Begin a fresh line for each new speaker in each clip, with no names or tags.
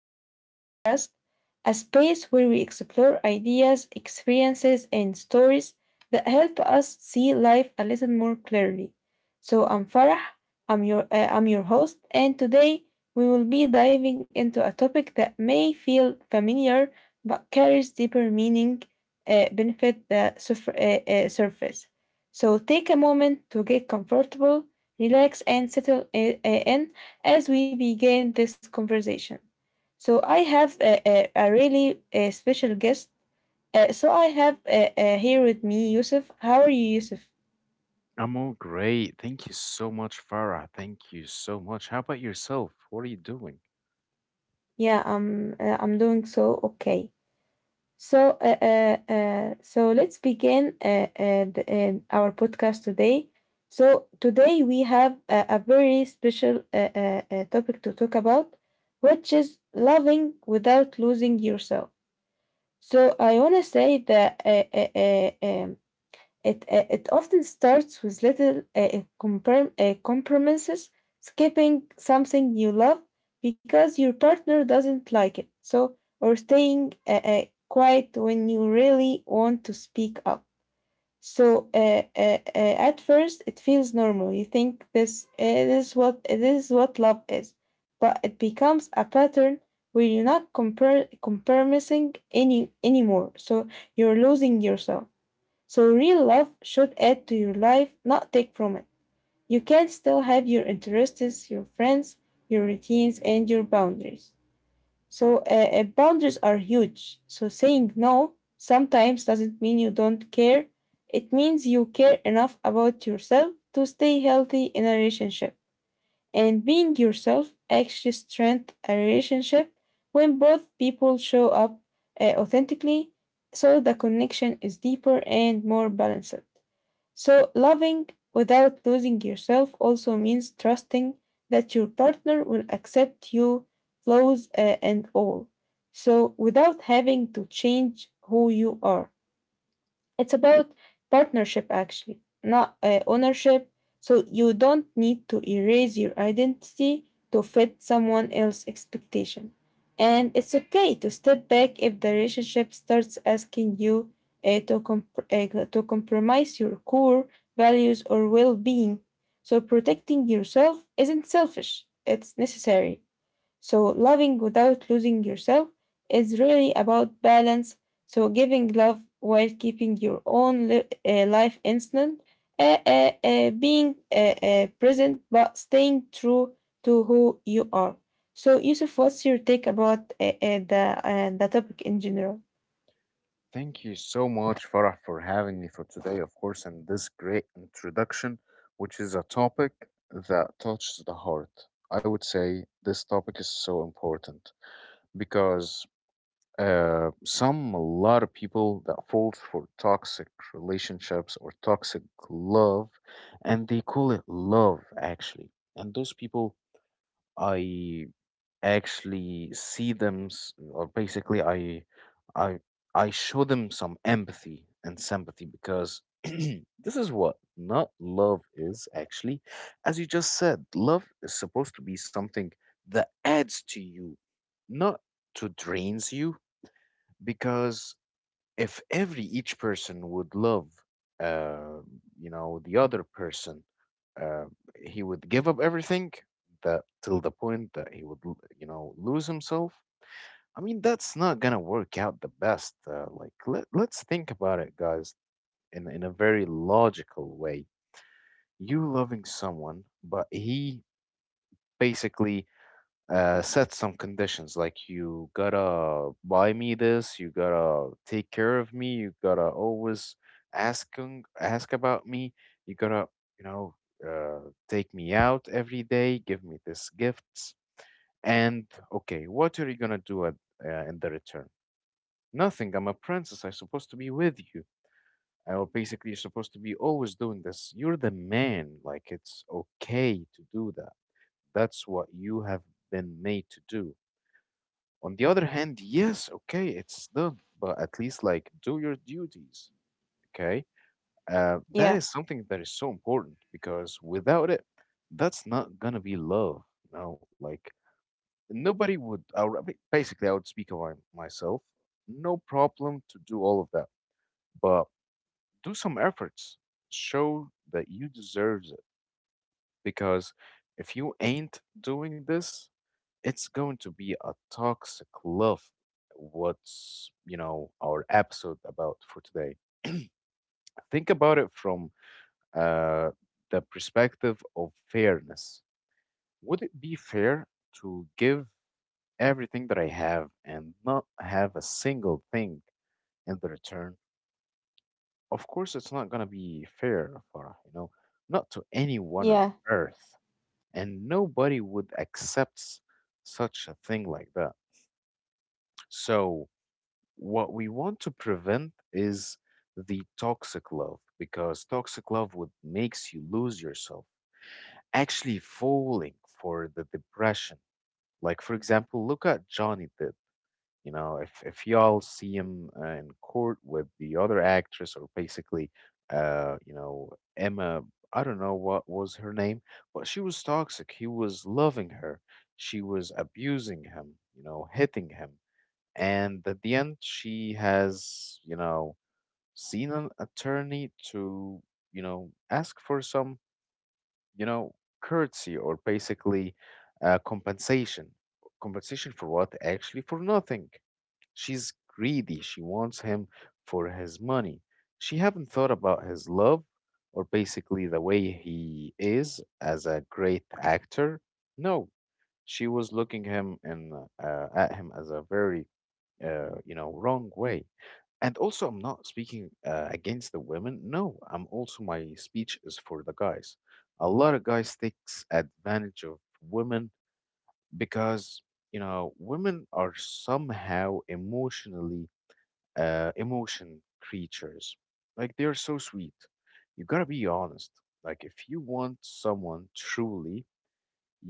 of our podcast, a space where we explore ideas, experiences, and stories that help us see life a little more clearly. So I'm Farah, I'm your host, and today we will be diving into a topic that may feel familiar but carries deeper meaning benefit the surface. So take a moment to get comfortable, relax, and settle in as we begin this conversation. So I have a really a special guest. So I have here with me Yusuf. How are you, Yusuf?
I'm all great. Thank you so much, Farah. Thank you so much. How about yourself? What are you doing?
Yeah, I'm doing so okay. So so let's begin our podcast today. So today we have a very special topic to talk about, which is loving without losing yourself. So I want to say that it often starts with little compromises, skipping something you love because your partner doesn't like it. So, or staying quiet when you really want to speak up. So, at first, it feels normal. You think this is what love is, but it becomes a pattern where you're not compromising anymore. So you're losing yourself. So real love should add to your life, not take from it. You can still have your interests, your friends, your routines, and your boundaries. So boundaries are huge. So saying no sometimes doesn't mean you don't care. It means you care enough about yourself to stay healthy in a relationship. And being yourself actually strengthens a relationship when both people show up authentically, so the connection is deeper and more balanced. So, loving without losing yourself also means trusting that your partner will accept you, flaws and all. So, without having to change who you are. It's about partnership, actually, not ownership. So you don't need to erase your identity to fit someone else's expectation. And it's okay to step back if the relationship starts asking you to compromise your core values or well being. So protecting yourself isn't selfish, it's necessary. So, loving without losing yourself is really about balance. So, giving love while keeping your own life instant, being present but staying true to who you are. So, Yusuf, what's your take about the topic in general?
Thank you so much, Farah, for having me for today, of course, and this great introduction, which is a topic that touches the heart. I would say this topic is so important because a lot of people that fall for toxic relationships or toxic love, and they call it love, actually. And those people, I actually see them s- or basically I I show them some empathy and sympathy because this is what not love is, actually. As you just said, love is supposed to be something that adds to you, not to drains you. Because if every each person would love, uh, you know, the other person, uh, he would give up everything, that till the point that he would you know, lose himself. I mean, that's not gonna work out the best. Like let's think about it, guys, in a very logical way. You loving someone, but he basically set some conditions like, you gotta buy me this, you gotta take care of me, you gotta always ask about me, you gotta, you know, take me out every day, give me this gifts, and okay, what are you gonna do at, in the return? Nothing. I'm a princess. I'm supposed to be with you. Or basically, you're supposed to be always doing this. You're the man. Like it's okay to do that. That's what you have been made to do. On the other hand, yes, okay, it's done, but at least like do your duties, okay? That
Yeah,
is something that is so important because without it, that's not gonna be love, you know? Like nobody would. Basically, I would speak about myself. No problem to do all of that, but do some efforts. Show that you deserve it, because if you ain't doing this, it's going to be a toxic love. What's, you know, our episode about for today? Think about it from uh, the perspective of fairness. Would it be fair to give everything that I have and not have a single thing in the return? Of course, it's not going to be fair, Farah, you know, not to anyone on
yeah.
earth. And nobody would accept such a thing like that. So, what we want to prevent is the toxic love, because toxic love would makes you lose yourself, actually falling for the depression. Like, for example, look at Johnny Depp. You know, if y'all see him in court with the other actress, or basically you know, Emma, I don't know what was her name, but she was toxic. He was loving her, she was abusing him, you know, hitting him. And at the end, she has, you know, seen an attorney to, you know, ask for some, you know, courtesy, or basically compensation. Compensation for what? Actually, for nothing. She's greedy. She wants him for his money. She haven't thought about his love, or basically the way he is as a great actor. No, she was looking him in, at him as a very you know, wrong way. And also, I'm not speaking against the women. No, I'm also my speech is for the guys. A lot of guys takes advantage of women because, you know, women are somehow emotion creatures. Like they're so sweet. You gotta be honest. Like if you want someone truly,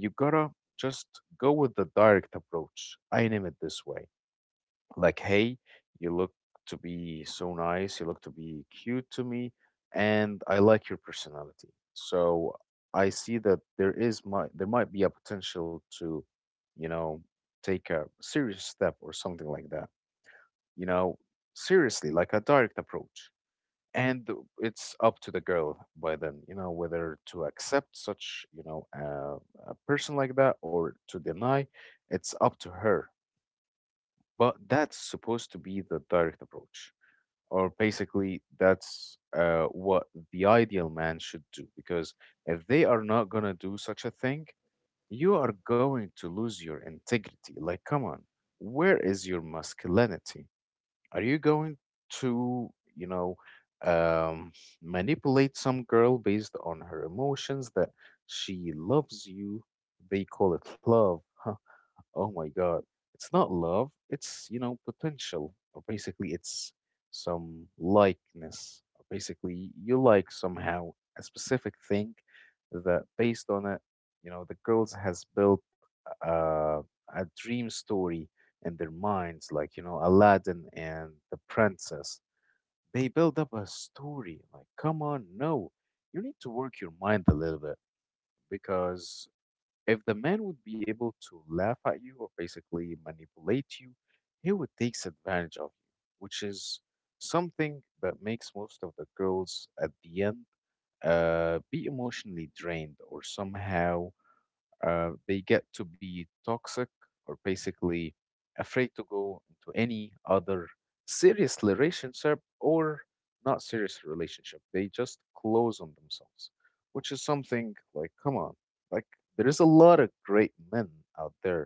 you gotta just go with the direct approach. I name it this way, like, hey, you look to be so nice, you look to be cute to me, and I like your personality. So I see that there is my there might be a potential to, you know, take a serious step or something like that. You know, seriously, like a direct approach. And it's up to the girl by then, you know, whether to accept such, you know, a person like that, or to deny. It's up to her, but that's supposed to be the direct approach, or basically, that's what the ideal man should do. Because if they are not gonna do such a thing, you are going to lose your integrity. Like, come on, where is your masculinity? Are you going to, you know, um, manipulate some girl based on her emotions that she loves you? They call it love. Oh my God. It's not love, it's, you know, potential, or basically it's some likeness, or basically you like somehow a specific thing that based on it, you know, the girls has built uh, a dream story in their minds, like, you know, Aladdin and the princess. They build up a story. Like, come on, no. You need to work your mind a little bit, because if the man would be able to laugh at you or basically manipulate you, he would take advantage of you, which is something that makes most of the girls at the end be emotionally drained, or somehow they get to be toxic, or basically afraid to go into any other serious relationship or not serious relationship. They just close on themselves, which is something like, come on, like, there is a lot of great men out there,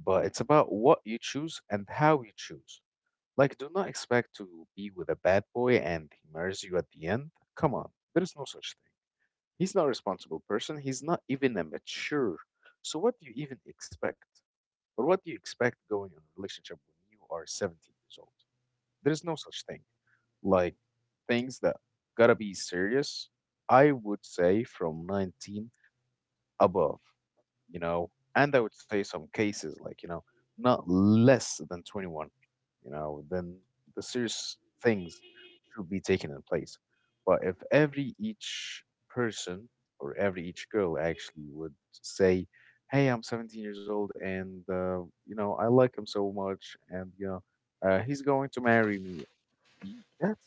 but it's about what you choose and how you choose. Like, do not expect to be with a bad boy and he marries you at the end. Come on, there is no such thing. He's not a responsible person. He's not even a mature. So what do you even expect? Or what do you expect going on a relationship when you are 17 years old? There's no such thing. Like, things that gotta be serious, I would say from 19 above, you know, and I would say some cases like, you know, not less than 21, you know, then the serious things should be taken in place. But if every each person or every each girl actually would say, hey, I'm 17 years old and, you know, I like him so much and, you know, he's going to marry me. Y- That's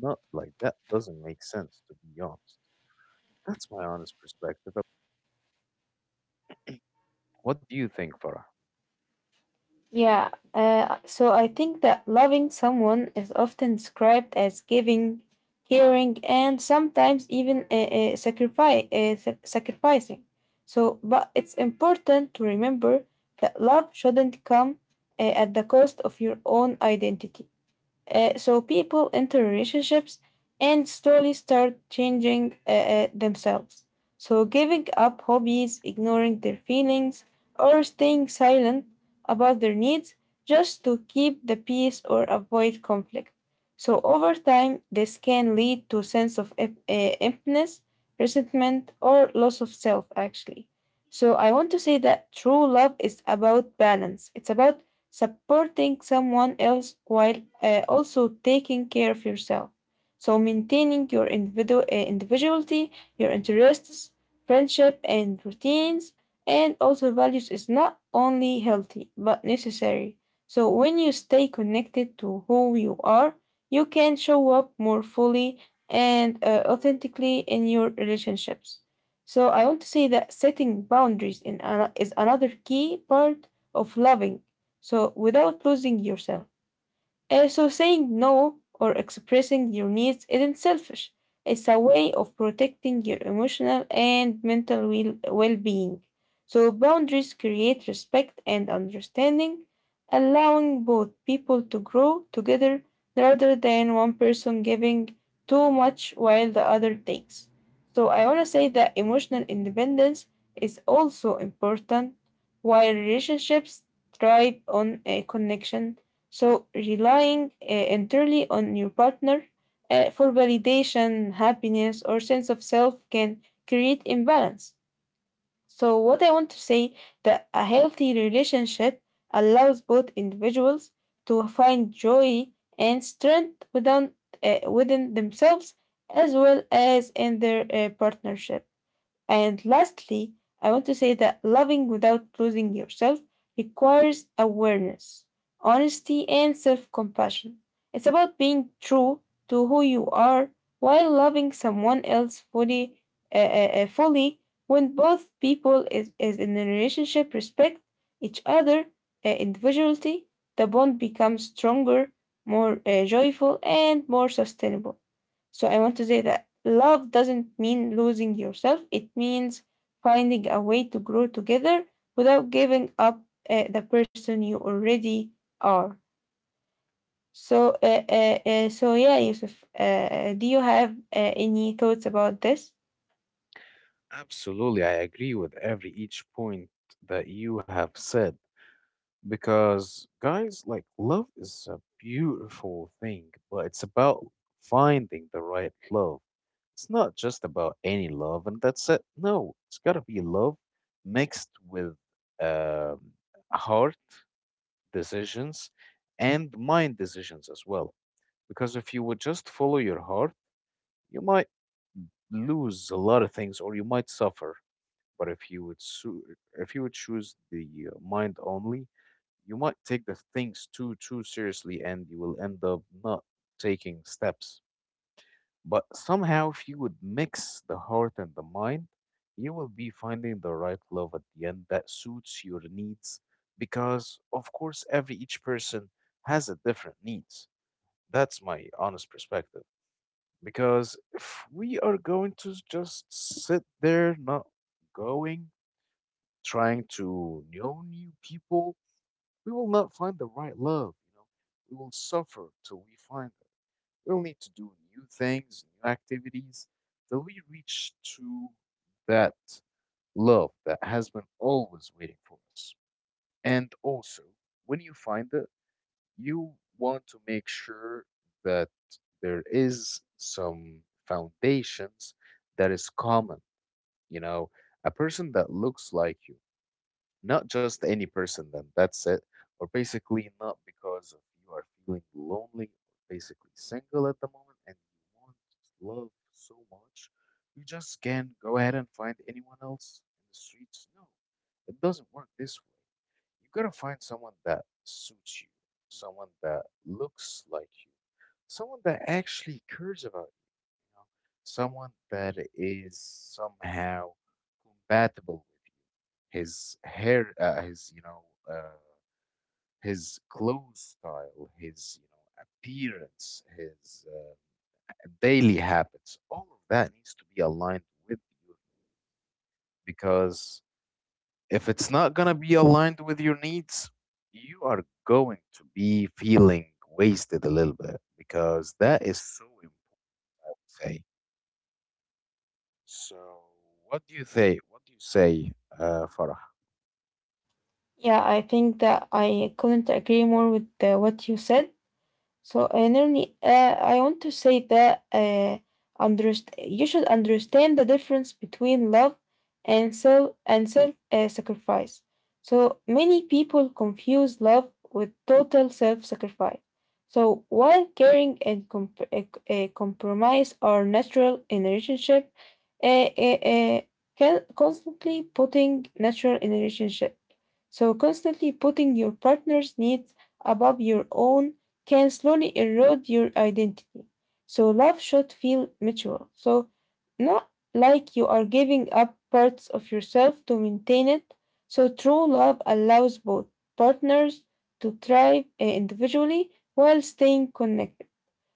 not like that doesn't make sense, to be honest. That's my honest perspective. What do you think, Farah?
Yeah, so I think that loving someone is often described as giving, caring, and sometimes even sacrificing. So, but it's important to remember that love shouldn't come at the cost of your own identity. So people enter relationships and slowly start changing themselves. So giving up hobbies, ignoring their feelings, or staying silent about their needs just to keep the peace or avoid conflict. So over time, this can lead to a sense of emptiness, resentment, or loss of self, actually. So I want to say that true love is about balance. It's about supporting someone else while also taking care of yourself. So maintaining your individuality, your interests, friendship, and routines, and also values is not only healthy but necessary. So when you stay connected to who you are, you can show up more fully and authentically in your relationships. So I want to say that setting boundaries is another key part of loving so without losing yourself. So saying no or expressing your needs isn't selfish. It's a way of protecting your emotional and mental well being. So boundaries create respect and understanding, allowing both people to grow together rather than one person giving too much while the other takes. So I want to say that emotional independence is also important while relationships thrive on a connection, so relying entirely on your partner for validation, happiness, or sense of self can create imbalance. So, what I want to say that a healthy relationship allows both individuals to find joy and strength within, within themselves as well as in their partnership. And lastly, I want to say that loving without losing yourself requires awareness, honesty, and self compassion. It's about being true to who you are while loving someone else fully, fully when both is in a relationship respect each other individuality, the bond becomes stronger, more joyful and more sustainable, so I want to say that love doesn't mean losing yourself, it means finding a way to grow together without giving up the person you already are. So, so yeah, Yusuf, do you have any thoughts about this?
Absolutely, I agree with every each point that you have said, because guys, like, love is a beautiful thing, but it's about finding the right love. It's not just about any love and that's it. No, it's got to be love mixed with um, heart decisions and mind decisions as well. Because if you would just follow your heart, you might lose a lot of things or you might suffer. But if you would choose the mind only, you might take the things too seriously, and you will end up not taking steps. But somehow, if you would mix the heart and the mind, you will be finding the right love at the end that suits your needs. Because of course, every each person has a different needs. That's my honest perspective. Because if we are going to just sit there not going, trying to know new people, we will not find the right love, you know. We will suffer till we find it. We'll need to do new things, new activities, till we reach to that love that has been always waiting for us. And also, when you find it, you want to make sure that there is some foundations that is common, you know, a person that looks like you, not just any person then that's it, or basically not because of you are feeling lonely or basically single at the moment and you want love so much. You just can't go ahead and find anyone else in the streets. No, it doesn't work this way. You gotta find someone that suits you, someone that looks like you, someone that actually cares about, you know, someone that is somehow compatible with you. His hair, his, you know, uh, his clothes style, his, you know, appearance, his daily habits, all of that needs to be aligned with you, because if it's not going to be aligned with your needs, you are going to be feeling wasted a little bit, because that is so important. So, what do you say? What do you say, Farah?
Yeah, I think that I couldn't agree more with what you said. So, Nirni, I want to say that you should understand the difference between love and self sacrifice. So, many people confuse love with total self sacrifice. So, while caring and comp- compromise are natural in a relationship, uh, uh, uh, can constantly putting natural in a relationship, so constantly putting your partner's needs above your own can slowly erode your identity. So, love should feel mutual. So, not like you are giving up parts of yourself to maintain it. So, true love allows both partners to thrive eh, individually while staying connected.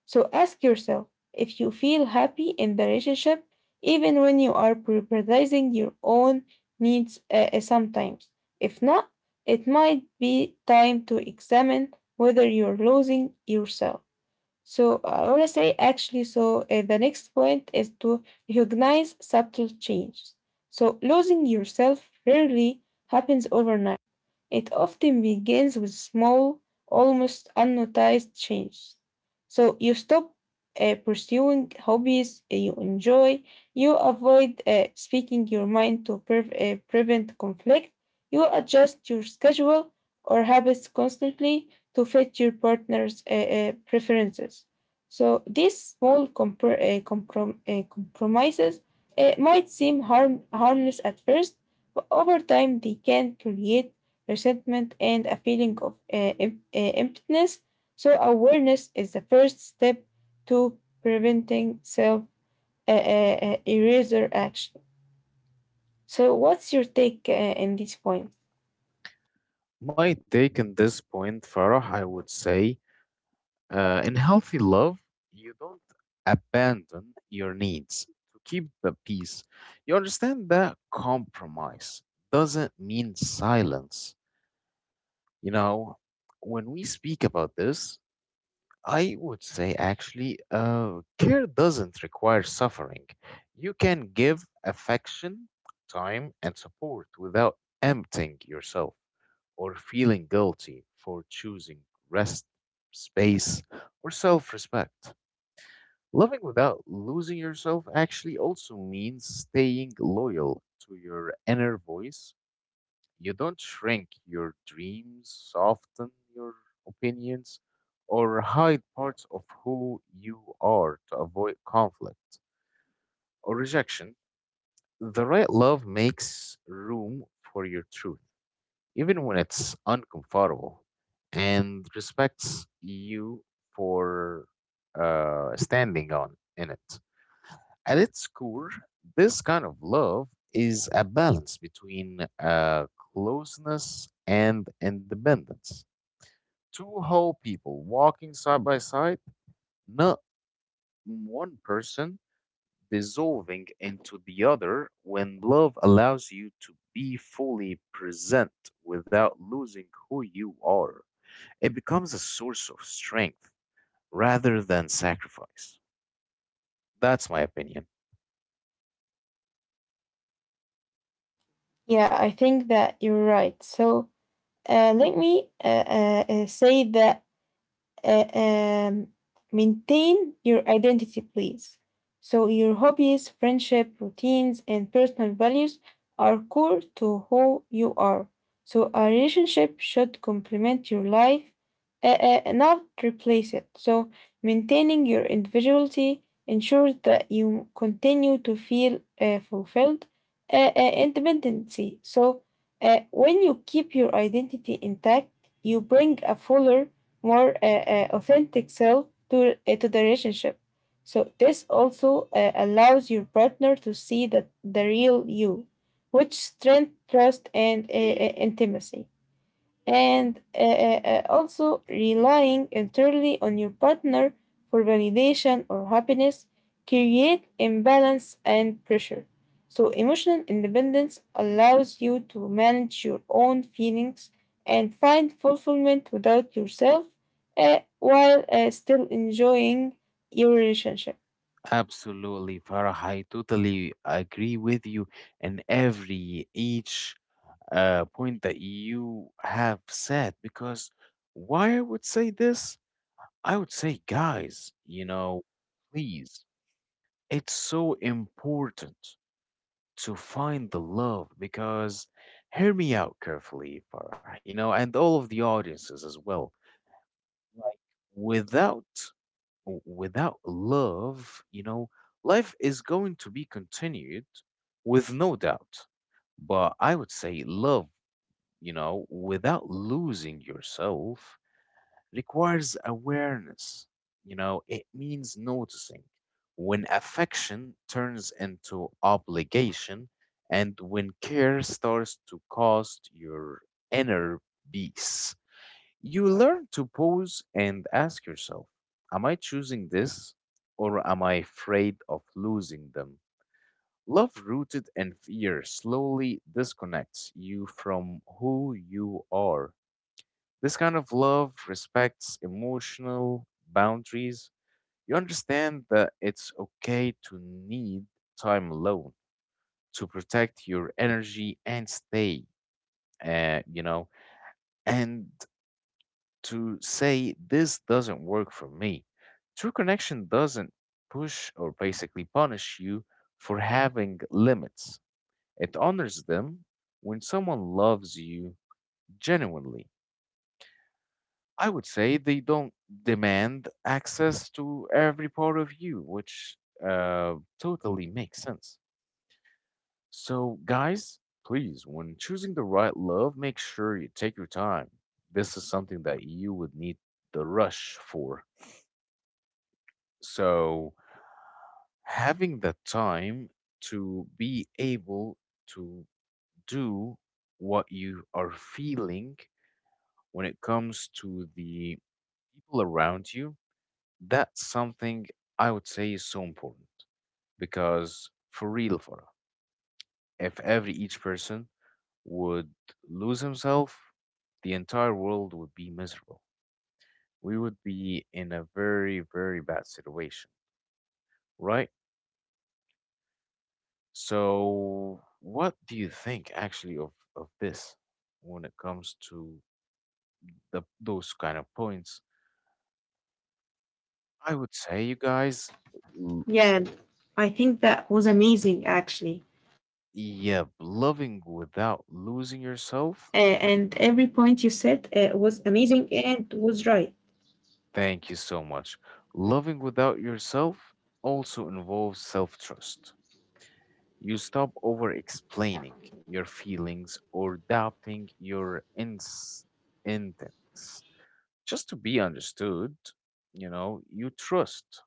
So ask yourself if you feel happy in the relationship, even when you are prioritizing your own needs sometimes. If not, it might be time to examine whether you're losing yourself. So I want to say actually, so the next point is to recognize subtle changes. So losing yourself rarely happens overnight. It often begins with small, almost unnoticed changes. So you stop pursuing hobbies you enjoy, you avoid speaking your mind to prevent conflict, you adjust your schedule or habits constantly to fit your partner's preferences. So these small compromises might seem harmless at first, but over time they can create resentment, and a feeling of emptiness. So, awareness is the first step to preventing self eraser action. So, what's your take in this point?
My take on this point, Farah, I would say, in healthy love, you don't abandon your needs to keep the peace. You understand that compromise doesn't mean silence. You know, when we speak about this, I would say actually, care doesn't require suffering. You can give affection, time, and support without emptying yourself or feeling guilty for choosing rest, space, or self respect. Loving without losing yourself actually also means staying loyal to your inner voice. You don't shrink your dreams, soften your opinions, or hide parts of who you are to avoid conflict or rejection. The right love makes room for your truth, even when it's uncomfortable, and respects you for standing on in it. At its core, this kind of love is a balance between closeness and independence. Two whole people walking side by side, not one person dissolving into the other when love allows you to be fully present without losing who you are. It becomes a source of strength rather than sacrifice. That's my opinion.
Yeah, I think that you're right. So, let me say that uh, um, maintain your identity, please. So, your hobbies, friendship, routines, and personal values are core to who you are. So, a relationship should complement your life, not replace it. So, maintaining your individuality ensures that you continue to feel fulfilled independency. So, when you keep your identity intact, you bring a fuller, more authentic self to the relationship. So this also allows your partner to see the real you, which strength trust and intimacy and also relying entirely on your partner for validation or happiness create imbalance and pressure, so emotional independence allows you to manage your own feelings and find fulfillment without yourself while still enjoying your relationship.
Absolutely, Farah. I totally agree with you and every each point that you have said. Because why I would say this? I would say, guys, you know, please, it's so important to find the love because hear me out carefully, Farah, you know, and all of the audiences as well. Like, without without love, you know, life is going to be continued with no doubt. But I would say love, you know, without losing yourself requires awareness. You know, it means noticing when affection turns into obligation and when care starts to cost your inner peace. You learn to pause and ask yourself, am I choosing this or am I afraid of losing them? Love rooted in fear slowly disconnects you from who you are. This kind of love respects emotional boundaries. You understand that it's okay to need time alone to protect your energy and stay, you know, and to say this doesn't work for me. True connection doesn't push or basically punish you for having limits. It honors them when someone loves you genuinely. I would say they don't demand access to every part of you, which uh, totally makes sense. So, guys, please, when choosing the right love, make sure you take your time. This is something that you would need the rush for. So having the time to be able to do what you are feeling when it comes to the people around you, that's something I would say is so important because for real, for if every each person would lose himself, the entire world would be miserable. We would be in a very, very bad situation, right? So, what do you think actually of this when it comes to the those kind of points? I would say you guys, l-
Yeah, I think that was amazing actually. Uh,
yeah,
and every
loving
point you
without
said
losing
was
yourself.
amazing and was right.
Thank you so much. Loving without yourself also involves self-trust. You stop over explaining your feelings or doubting your ins intents. Just to be understood, you know, you trust.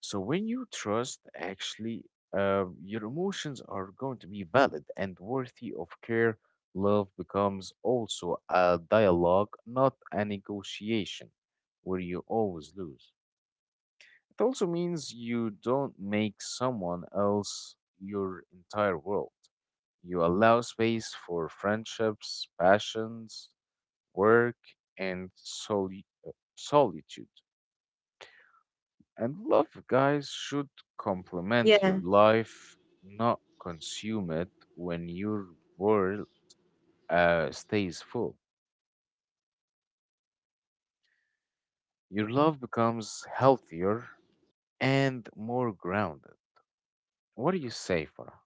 So when you trust, actually, your emotions are going to be valid and worthy of care. Love becomes also a dialogue, not a negotiation, where you always lose. It also means you don't make someone else your entire world. You allow space for friendships, passions, work, and solitude. And love, guys, should complement
Yeah,
your life, not consume it when your world stays full. Your love becomes healthier and more grounded. What do you say, Farah?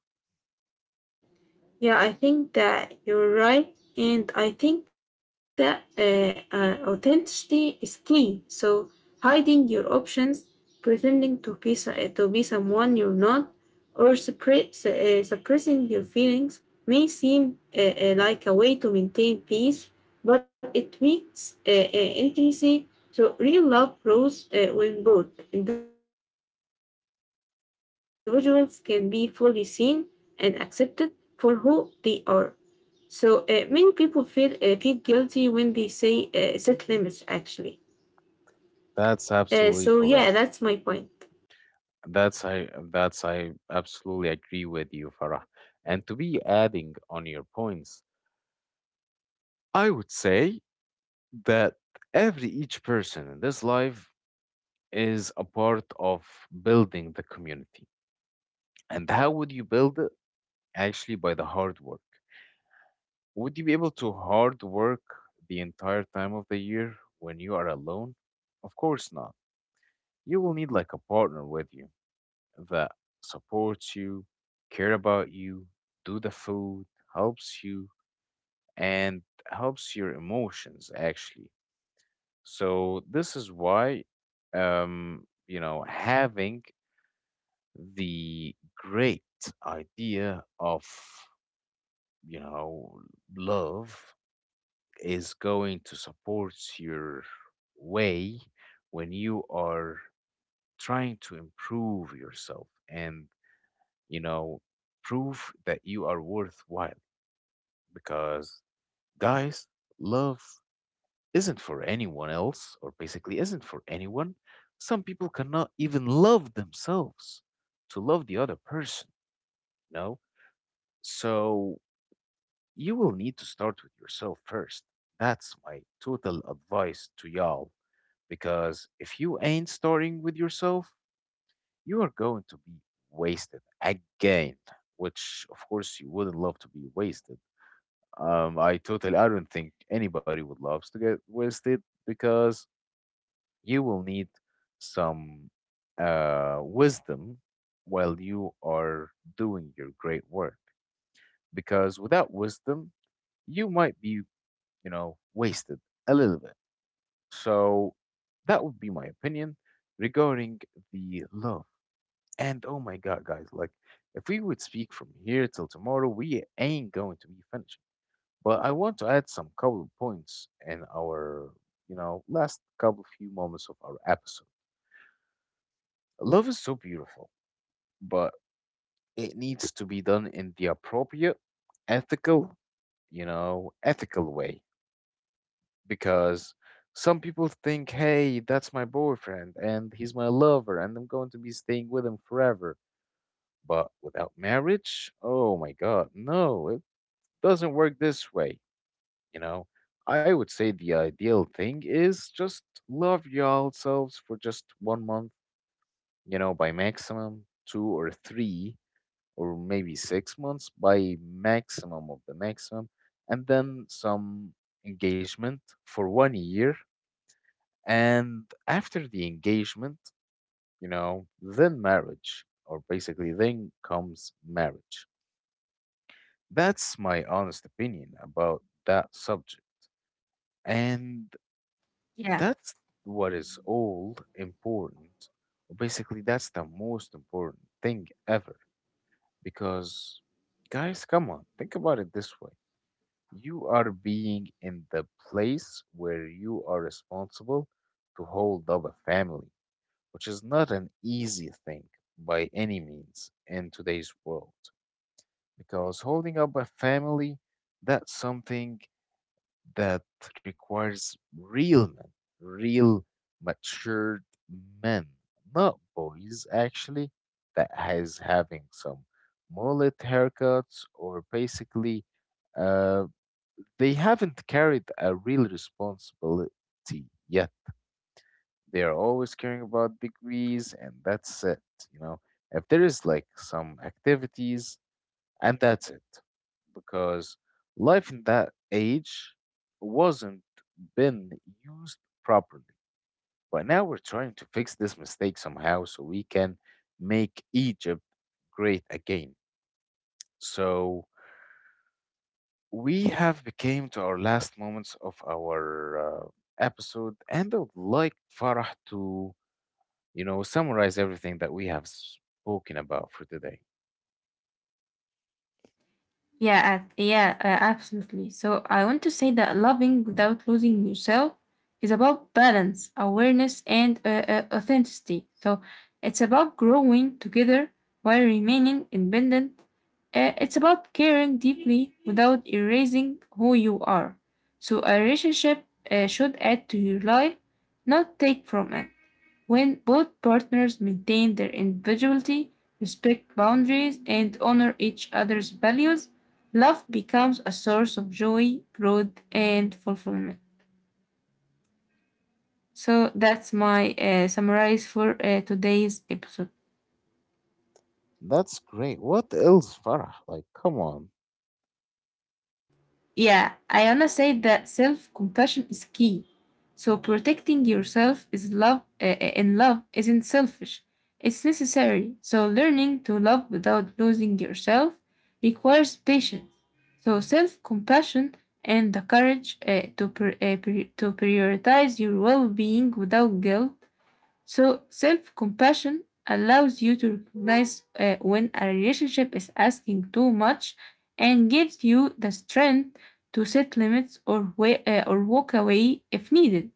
yeah, I think that you're right. And I think that authenticity is key. So hiding your options, pretending to be someone you're not, or suppressing your feelings may seem like a way to maintain peace, but it weakens intimacy. So real love grows when both individuals can be fully seen and accepted for who they are. So many people feel guilty when they say set limits. Actually, so yeah,
That's
that's my
absolutely
point.
correct. That's I absolutely agree with you, Farah. And to be adding on your points, I would say that every each person in this life is a part of building the community. And how would you build it? Actually, by the hard work. Would you be able to hard work the entire time of the year when you are alone? Of course not. You will need like a partner with you that supports you, care about you, do the food, helps you, and helps your emotions actually. So this is why, you know, having the great idea of, you know, love is going to support your way when you are trying to improve yourself and, you know, prove that you are worthwhile. Because, guys, love isn't for anyone else, or basically isn't for anyone. Some people cannot even love themselves to love the other person, you know? So you will need to start with yourself first. That's my total advice to y'all. Because if you ain't starting with yourself, you are going to be wasted again, which of course you wouldn't love to be wasted. I totally. I don't think anybody would love to get wasted because you will need some wisdom while you are doing your great work. Because without wisdom, you might be, you know, wasted a little bit. So that would be my opinion regarding the love. And oh my God, guys, like if we would speak from here till tomorrow, we ain't going to be finished. But I want to add some couple of points in our, you know, last couple few moments of our episode. Love is so beautiful, but it needs to be done in the appropriate, ethical, you know, ethical way because some people think, hey, that's my boyfriend and he's my lover and I'm going to be staying with him forever. But without marriage, oh my God, no, it doesn't work this way. You know, I would say the ideal thing is just love yourselves for just 1 month, you know, by maximum two or three or maybe 6 months by maximum of the maximum, and then some engagement for 1 year. And after the engagement, you know, then marriage, or basically then comes marriage. That's my honest opinion about that subject. And that's what is all important, or basically, that's the most important thing ever. Because, guys, come on, think about it this way. You are being in the place where you are responsible to hold up a family, which is not an easy thing by any means in today's world. Because holding up a family, that's something that requires real men, real matured men, not boys actually, that has having some mullet haircuts or basically, uh, they haven't carried a real responsibility yet. They are always caring about degrees, and that's it. You know, if there is like some activities, and that's it, because life in that age wasn't been used properly. But now we're trying to fix this mistake somehow, so we can make Egypt great again. So we have became to our last moments of our episode, and I would like Farah to, you know, summarize everything that we have spoken about for today.
Yeah, yeah, absolutely. So I want to say that loving without losing yourself is about balance, awareness, and authenticity. So it's about growing together while remaining independent. It's about caring deeply without erasing who you are. So a relationship should add to your life, not take from it. When both partners maintain their individuality, respect boundaries, and honor each other's values, love becomes a source of joy, growth, and fulfillment. So that's my summarize for today's episode.
That's great. What else, Farah? Like, come on.
Yeah, I wanna say that self compassion is key. So protecting yourself is love in love isn't selfish. It's necessary. So learning to love without losing yourself requires patience. So self compassion and the courage to prioritize your well being without guilt, so self compassion allows you to recognize when a relationship is asking too much and gives you the strength to set limits or walk away if needed.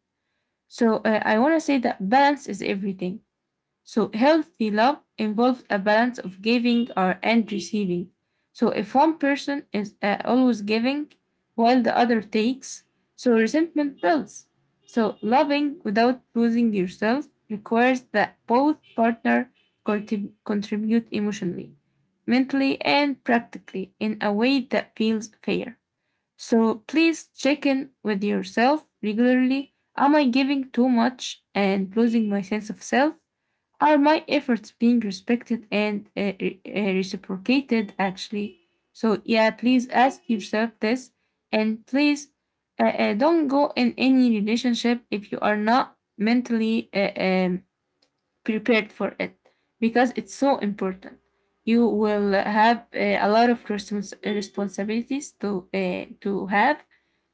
So, I want to say that balance is everything. So healthy love involves a balance of giving or and receiving. So if one person is always giving while the other takes, so resentment builds. So loving without losing yourself requires that both partner contribute emotionally, mentally, and practically in a way that feels fair. So please check in with yourself regularly. Am I giving too much and losing my sense of self? Are my efforts being respected and reciprocated actually? So, yeah, please ask yourself this and please don't go in any relationship if you are not mentally prepared for it because it's so important. You will have a lot of responsibilities to have.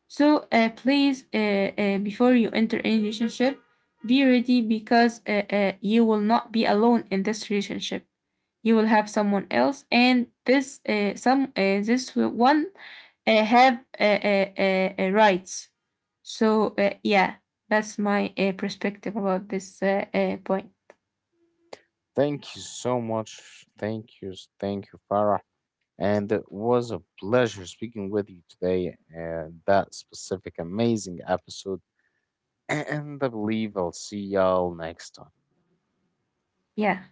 So please, before you enter any relationship, be ready because you will not be alone in this relationship. You will have someone else, and this some this one have rights. So yeah, that's my perspective about this point.
Thank you so much. Thank you. Thank you, Farah. And it was a pleasure speaking with you today and that specific amazing episode. And I believe I'll see y'all next time.
Yeah.